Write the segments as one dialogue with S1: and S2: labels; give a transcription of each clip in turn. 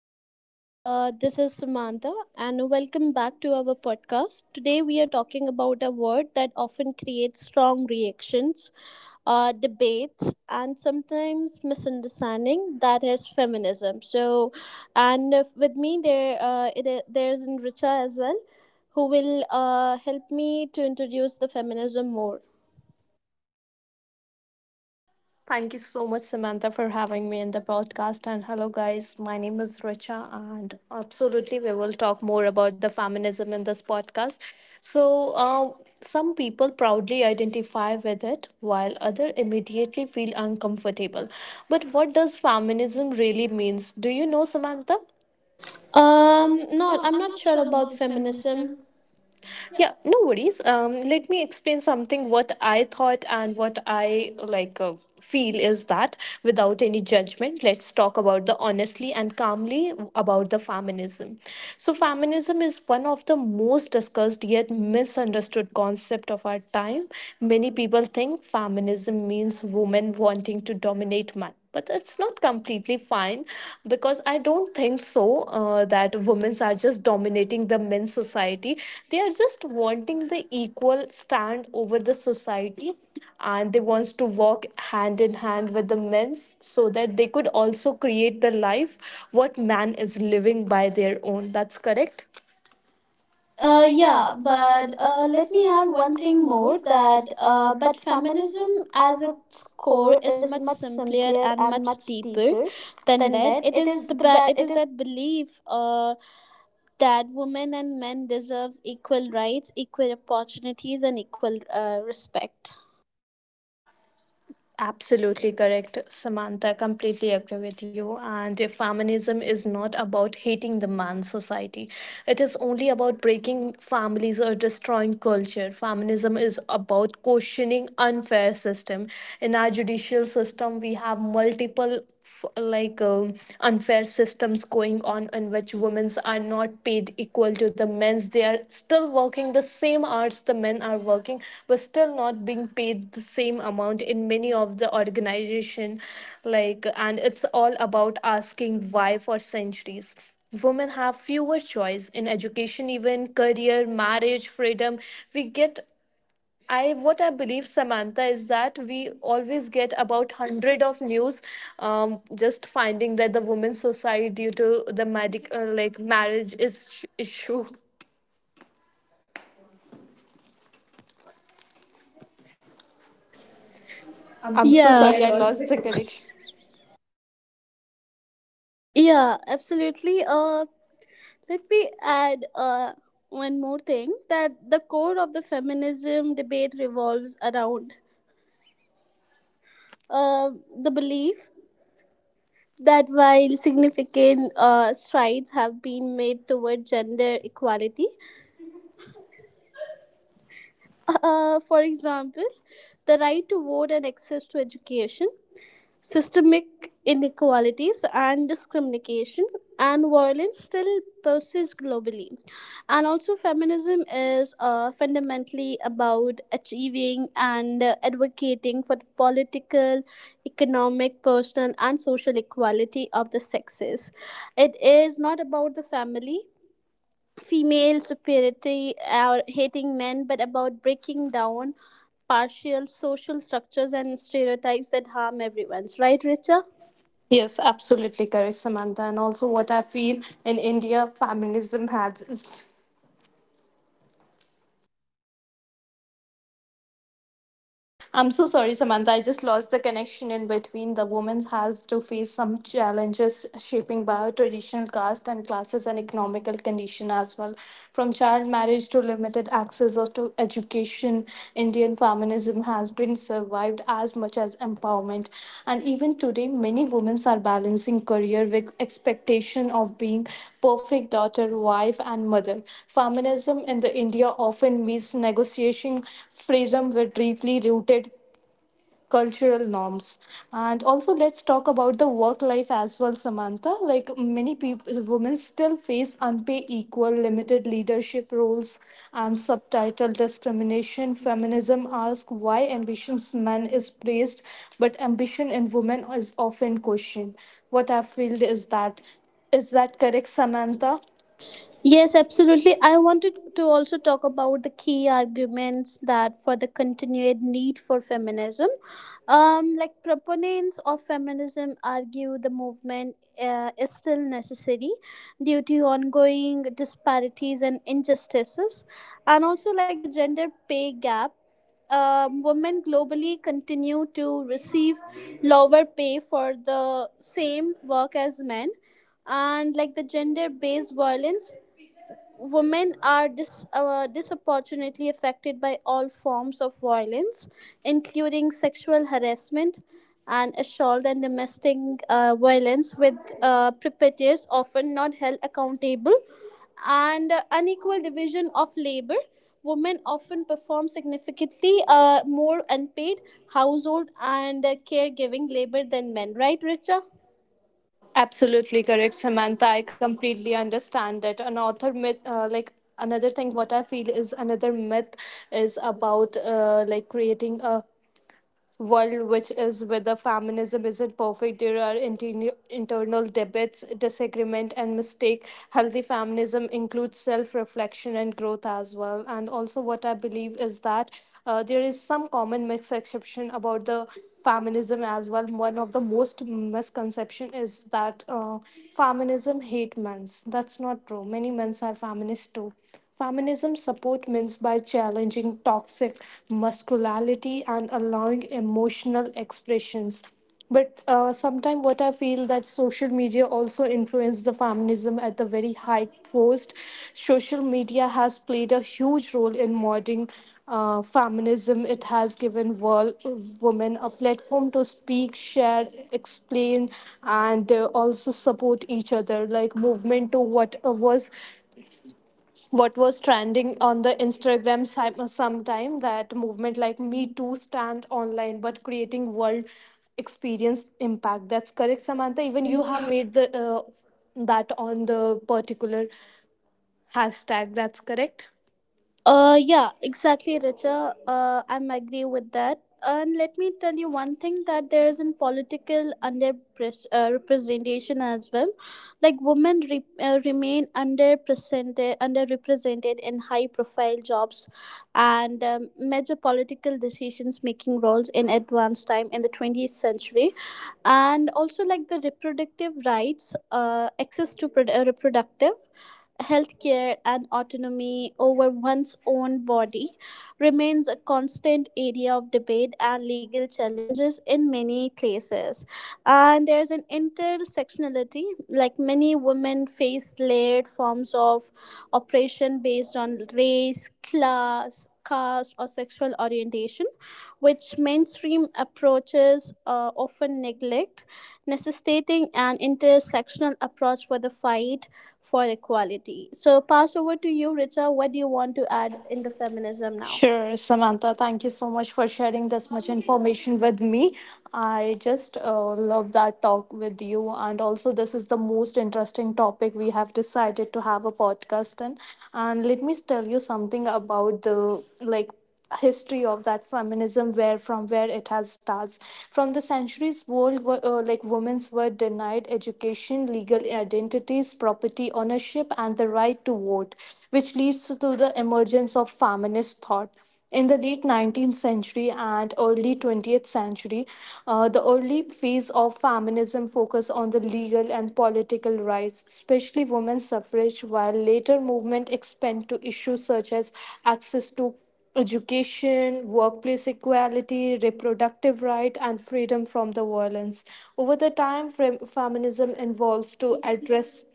S1: everyone. This is Samantha, and welcome back to our podcast. Today, we are talking about a word that often creates strong reactions, debates, and sometimes misunderstanding. That is feminism. So, and if, with me there, there's Richa as well, who will help me to introduce the feminism more.
S2: Thank you so much, Samantha, for having me in the podcast. And hello, guys. My name is Richa, and absolutely, we will talk more about the feminism in this podcast. So, uh, some people proudly identify with it, while others immediately feel uncomfortable. But what does feminism really means? Do you know, Samantha?
S1: No,
S2: No,
S1: I'm
S2: I'm
S1: not
S2: not
S1: sure
S2: sure
S1: about
S2: about
S1: feminism.
S2: feminism. Yeah, no worries. Let me explain something what I thought and what I like feel is that without any judgment, let's talk about the honestly and calmly about the feminism. So feminism is one of the most discussed yet misunderstood concept of our time. Many people think feminism means women wanting to dominate men, but it's not completely fine because I don't think so that women are just dominating the men's society. They are just wanting the equal stand over the society, and they wants to walk hand in hand with the men's so that they could also create the life what man is living by their own. That's correct. uh,
S1: Yeah,
S2: yeah,
S1: but
S2: but uh,
S1: Let
S2: let
S1: me
S2: me
S1: add
S2: add
S1: one
S2: one
S1: thing
S2: thing
S1: more
S2: more
S1: that
S2: that
S1: but
S2: but
S1: feminism
S2: feminism
S1: as
S2: as
S1: its
S2: its
S1: core
S2: core
S1: is
S2: is
S1: much
S2: much
S1: simpler
S2: simpler
S1: and
S2: and
S1: much
S2: much
S1: deeper
S2: deeper
S1: than
S2: than
S1: that.
S2: that.
S1: It
S2: It
S1: is
S2: is the ba-
S1: it
S2: it
S1: is that belief that women and men deserves equal rights, equal opportunities, and equal respect.
S2: Absolutely correct, Samantha. Completely agree with you. And if feminism is not about hating the man society, it is only about breaking families or destroying culture. Feminism is about questioning unfair system. In our judicial system, we have multiple f- like um unfair systems going on in which women's are not paid equal to the men's. They are still working the same hours the men are working, but still not being paid the same amount in many of the organization, like, and it's all about asking why for centuries women have fewer choice in education, even career, marriage freedom. We get, I, what I believe, Samantha, is that we always get about hundred of news, just finding that the women's suicide due to the medical like marriage is issue. I'm so sorry, I
S1: Yeah,
S2: lost the connection.
S1: yeah, absolutely. Let me add one more thing that the core of the feminism debate revolves around the belief that while significant strides have been made toward gender equality, for example, the right to vote and access to education, systemic inequalities and discrimination and violence still persist globally. And also, feminism is fundamentally about achieving and advocating for the political, economic, personal, and social equality of the sexes. It is not about the family female superiority or hating men, but about breaking down partial social structures and stereotypes that harm everyone's. Right, Richa?
S2: Yes, absolutely correct, Samantha. And also, what I feel in India, feminism has, I'm so sorry, Samantha, I just lost the connection in between. The woman has to face some challenges shaping by her traditional caste and classes and economical condition as well. From child marriage to limited to education, Indian feminism has been survived as much as empowerment. And even today, many women are balancing career with expectation of being perfect daughter, wife, and mother. Feminism in the India often means negotiation freedom with deeply rooted cultural norms. And also let's talk about the work life as well, Samantha. Like many people, women still face unpaid equal, limited leadership roles and subtitle discrimination. Feminism asks why ambitions men is praised but ambition in women is often questioned. What I feel is that, is that correct, Samantha?
S1: Yes, absolutely. I wanted to also talk about the key arguments that for the continued need for feminism. Like proponents of feminism argue the movement is still necessary due to ongoing disparities and injustices, and also like the gender pay gap, women globally continue to receive lower pay for the same work as men, and like the gender based violence. Disproportionately affected by all forms of violence, including sexual harassment and assault and domestic violence, with perpetrators often not held accountable, and unequal division of labor. Women often perform significantly more unpaid household and caregiving labor than men, right, Richa?
S2: Absolutely correct, Samantha. I completely understand that an author myth, like, another thing, what I feel is another myth is about like creating a world which is, whether feminism isn't perfect, there are internal debates, disagreement and mistake. Healthy feminism includes self-reflection and growth as well. And also what I believe is that there is some common misconception about the feminism as well. One of the most misconception is that feminism hate men's. That's not true, many men's are feminists too. Feminism supports men by challenging toxic masculinity and allowing emotional expressions. But sometimes what I feel that social media also influenced the feminism at the very high post. Social media has played a huge role in modern feminism. It has given world women a platform to speak, share, explain, and also support each other. Like movement to, what was, what was trending on the Instagram, sometime that movement like Me Too stand online but creating world experience impact. That's correct, Samantha. Even you have made the that on the particular hashtag. That's correct.
S1: Yeah, exactly, Richa. I'm agree with that. And let me tell you one thing that there is in political representation as well. Like remain underrepresented in high profile jobs and, major political decisions making roles in advanced time in the 20th century. And also like the reproductive rights, access to reproductive healthcare and autonomy over one's own body remains a constant area of debate and legal challenges in many places. And there's an intersectionality, like many women face layered forms of oppression based on race, class, caste, or sexual orientation, which mainstream approaches often neglect, necessitating an intersectional approach for the fight for equality. So pass over to you, Richa. What do you want to add in the feminism now?
S2: Sure, Samantha, thank you so much for sharing this much information with me. I just love that talk with you. And also, this is the most interesting topic we have decided to have a podcast in. And let me tell you something about the, like, history of that feminism, where, from where it has starts. From the centuries, world were like women's were denied education, legal identities, property ownership and the right to vote, which leads to the emergence of feminist thought in the late 19th century and early 20th century. The early phase of feminism focused on the legal and political rights, especially women's suffrage, while later movement expand to issues such as access to education, workplace equality, reproductive right, and freedom from the violence. Over the time, feminism evolves to address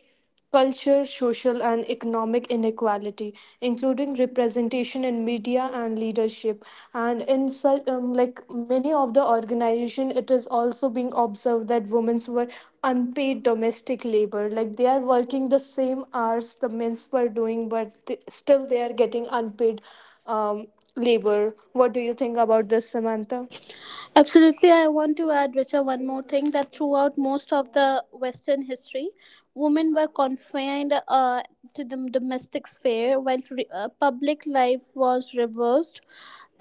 S2: culture, social, and economic inequality, including representation in media and leadership. And in such, like many of the organization, it is also being observed that women were unpaid domestic labor. Like they are working the same hours the men were doing, but they, still they are getting unpaid um, labor. What do you think about this, Samantha?
S1: Absolutely, I want to add, Richa, one more thing that throughout most of the Western history, women were confined to the domestic sphere while public life was reversed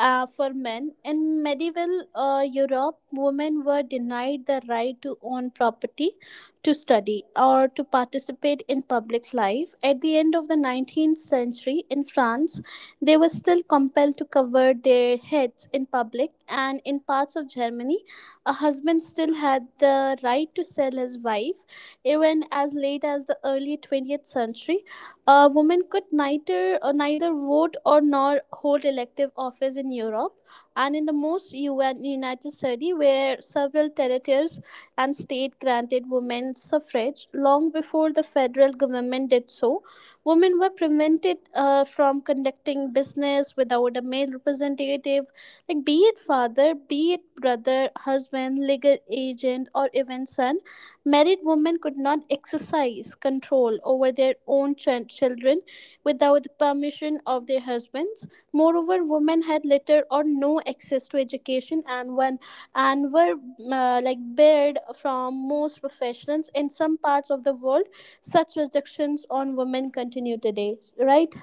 S1: for men. In medieval Europe, women were denied the right to own property, to study, or to participate in public life. At the end of the 19th century in France, they were still compelled to cover their heads in public, and in parts of Germany, a husband still had the right to sell his wife. Even as late as the early 20th century, a woman could neither vote or nor hold elective office in Europe. And in the most UN United States, where several territories and states granted women suffrage long before the federal government did so, women were prevented from conducting business without a male representative, like be it father, be it brother, husband, legal agent, or even son. Married women could not exercise control over their own children without the permission of their husbands. Moreover, women had little or no access to education, and were like barred from most professions. In some parts of the world such restrictions on women continue today, right?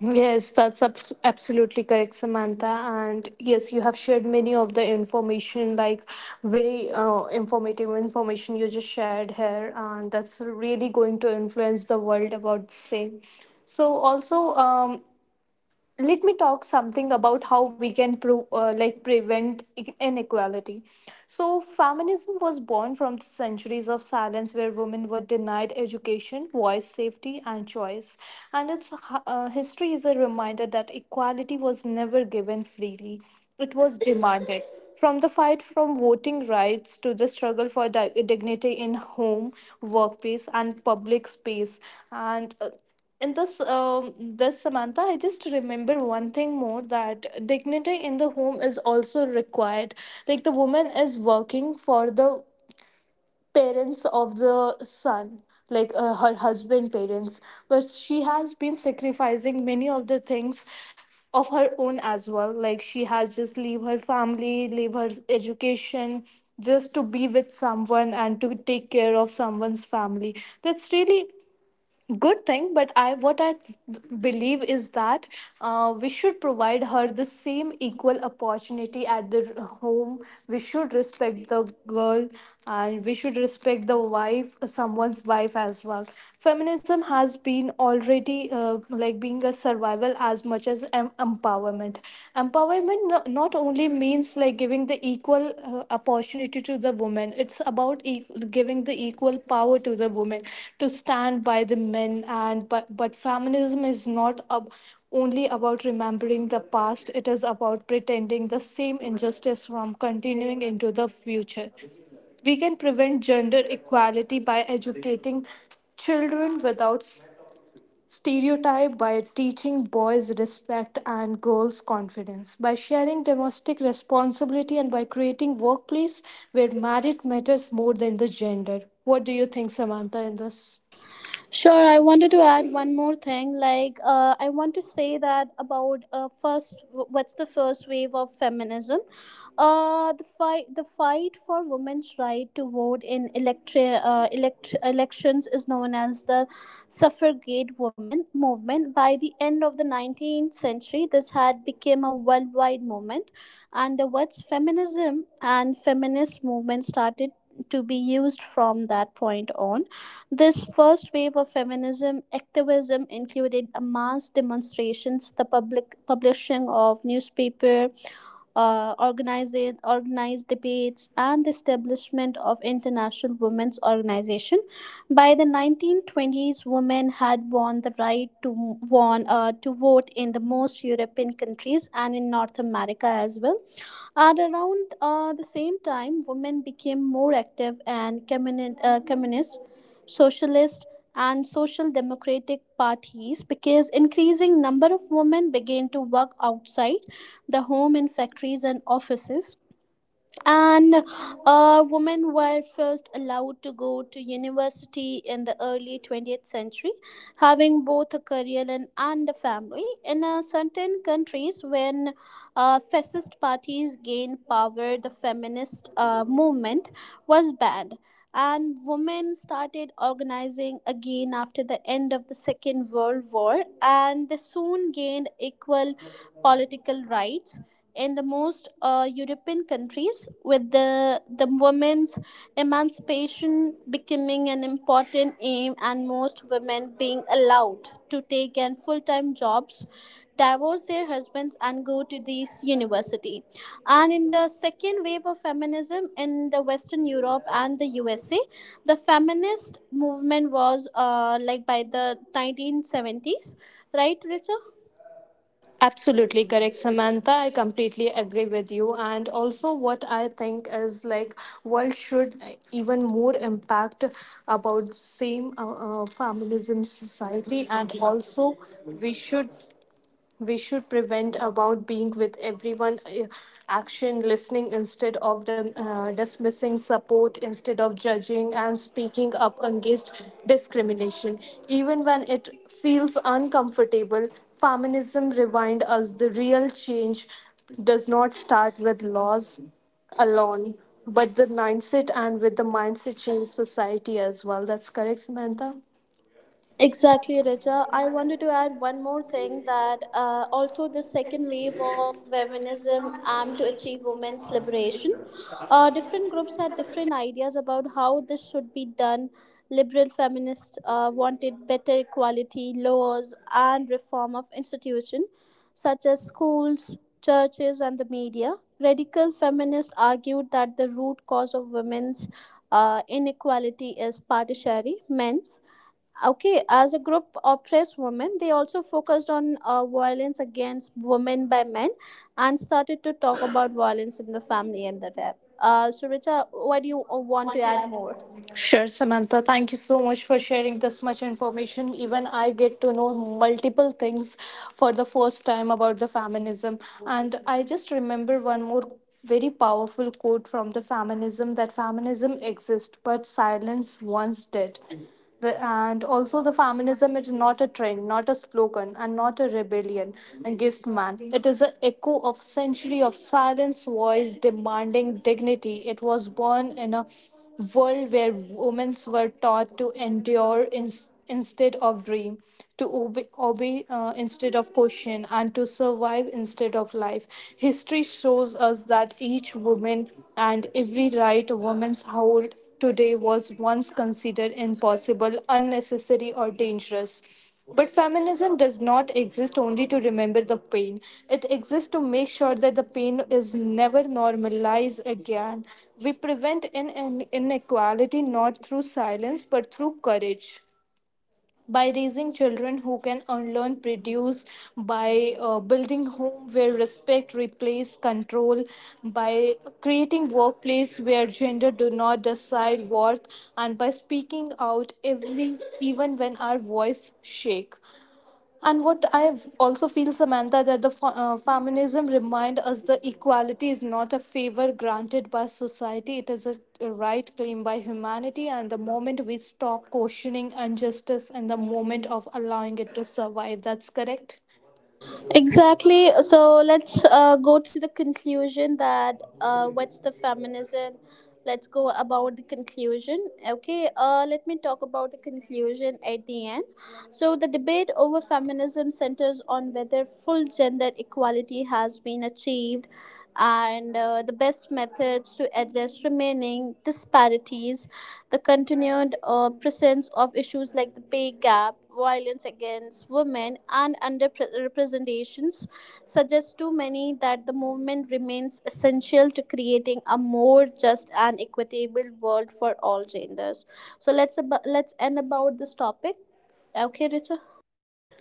S2: Yes, that's absolutely correct, Samantha. And yes, you have shared many of the information, like very informative information you just shared here, and that's really going to influence the world about the same. So also, let me talk something about how we can like prevent inequality. So feminism was born from the centuries of silence where women were denied education, voice, safety and choice. And its history is a reminder that equality was never given freely, it was demanded. From the fight, from voting rights to the struggle for dignity in home, workplace and public space. And in this, this, Samantha, I just remember one thing more that dignity in the home is also required. Like the woman is working for the parents of the son, like her husband parents, but she has been sacrificing many of the things of her own as well. Like she has just leave her family, leave her education, just to be with someone and to take care of someone's family. That's really good thing. But I, what I believe is that we should provide her the same equal opportunity at the home. We should respect the girl, and we should respect the wife, someone's wife as well. Feminism has been already like being a survival as much as empowerment. Empowerment not only means like giving the equal opportunity to the woman. It's about giving the equal power to the women to stand by the men. And but feminism is not only about remembering the past, it is about pretending the same injustice from continuing into the future. We can prevent gender equality by educating children without stereotype, by teaching boys respect and girls confidence, by sharing domestic responsibility, and by creating workplace where merit matters more than the gender. What do you think, Samantha, in this?
S1: Sure, I wanted to add one more thing. I want to say that about first, what's the first wave of feminism? Uh, the fight for women's right to vote in elections is known as the suffragette woman movement. By the end of the 19th century, this had become a worldwide movement, and the words feminism and feminist movement started to be used from that point on. This first wave of feminism activism included a mass demonstrations, the public publishing of newspaper, organized debates, and the establishment of international women's organization. By the 1920s, women had won the right to won to vote in the most European countries and in North America as well. At around the same time, women became more active and communist, socialist, and social democratic parties because increasing number of women began to work outside the home in factories and offices, and women were first allowed to go to university in the early 20th century, having both a career and a family. In certain countries, when fascist parties gained power, the feminist movement was banned, and women started organizing again after the end of the Second World War, and they soon gained equal political rights in the most European countries, with the women's emancipation becoming an important aim and most women being allowed to take an full-time jobs, divorce their husbands and go to these university. And in the second wave of feminism in the Western Europe and the USA, the feminist movement was like by the 1970s, right, Richa?
S2: Absolutely correct, Samantha. I completely agree with you. And also, what I think is like world should even more impact about same feminism society. And also we should we should prevent about being with everyone, action listening instead of dismissing, support instead of judging, and speaking up against discrimination even when it feels uncomfortable. Feminism remind us the real change does not start with laws alone but the mindset, and with the mindset change society as well. That's correct, Samantha.
S1: Exactly, Richa. I wanted to add one more thing that although the second wave of feminism aimed to achieve women's liberation, different groups had different ideas about how this should be done. Liberal feminists wanted better equality laws and reform of institutions such as schools, churches, and the media. Radical feminists argued that the root cause of women's inequality is partiality, men's. Okay, as a group oppressed women, they also focused on violence against women by men and started to talk about violence in the family and the rap. So, Richa, why do you want to add more?
S2: Sure, Samantha. Thank you so much for sharing this much information. Even I get to know multiple things for the first time about the feminism. And I just remember one more very powerful quote from the feminism, that feminism exists, but silence once did. The, and also, the feminism is not a trend, not a slogan, and not a rebellion against man. It is an echo of century of silence, voice demanding dignity. It was born in a world where women were taught to endure in, instead of dream, to obey instead of question, and to survive instead of life. History shows us that each woman and every right women hold today was once considered impossible, unnecessary, or dangerous. But feminism does not exist only to remember the pain. It exists to make sure that the pain is never normalized again. We prevent in an inequality not through silence but through courage, by raising children who can unlearn produce, by building home where respect replaces control, by creating workplace where gender do not decide worth, and by speaking out every even when our voice shake. And what I also feel, Samantha, that the feminism remind us the equality is not a favor granted by society; it is a right claimed by humanity. And the moment we stop questioning injustice, and the moment of allowing it to survive, that's correct.
S1: Exactly. So let's go to the conclusion that what's the feminism? Let's go about the conclusion. Okay, let me talk about the conclusion at the end. So, the debate over feminism centers on whether full gender equality has been achieved and the best methods to address remaining disparities. The continued presence of issues like the pay gap, violence against women, and underrepresentations suggests to many that the movement remains essential to creating a more just and equitable world for all genders. So let's end about this topic. Okay, Richa.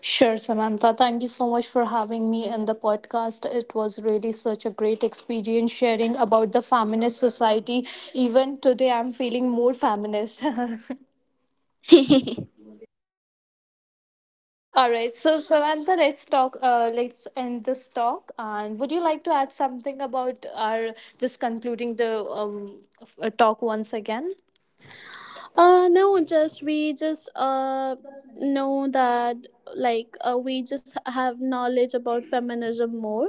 S2: Sure, Samantha. Thank you so much for having me in the podcast. It was really such a great experience sharing about the feminist society. Even today, I'm feeling more feminist. All right. So Samantha, let's talk. Let's end this talk. And would you like to add something about our just concluding the talk once again?
S1: no just we just know that we just have knowledge about feminism more.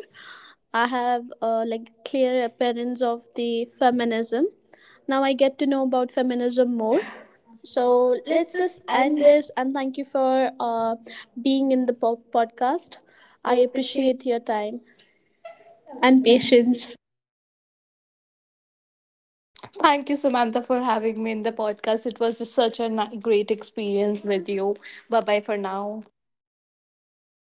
S1: I have like clear appearance of the feminism. Now I get to know about feminism more.
S2: So
S1: So
S2: let's
S1: let's
S2: just
S1: just
S2: end
S1: end
S2: it.
S1: this, and thank you for being in the podcast.
S2: I
S1: I
S2: appreciate.
S1: appreciate your time and patience.
S2: Thank you, Samantha, for having me in the podcast. It was just such a great experience with you. Bye bye for now.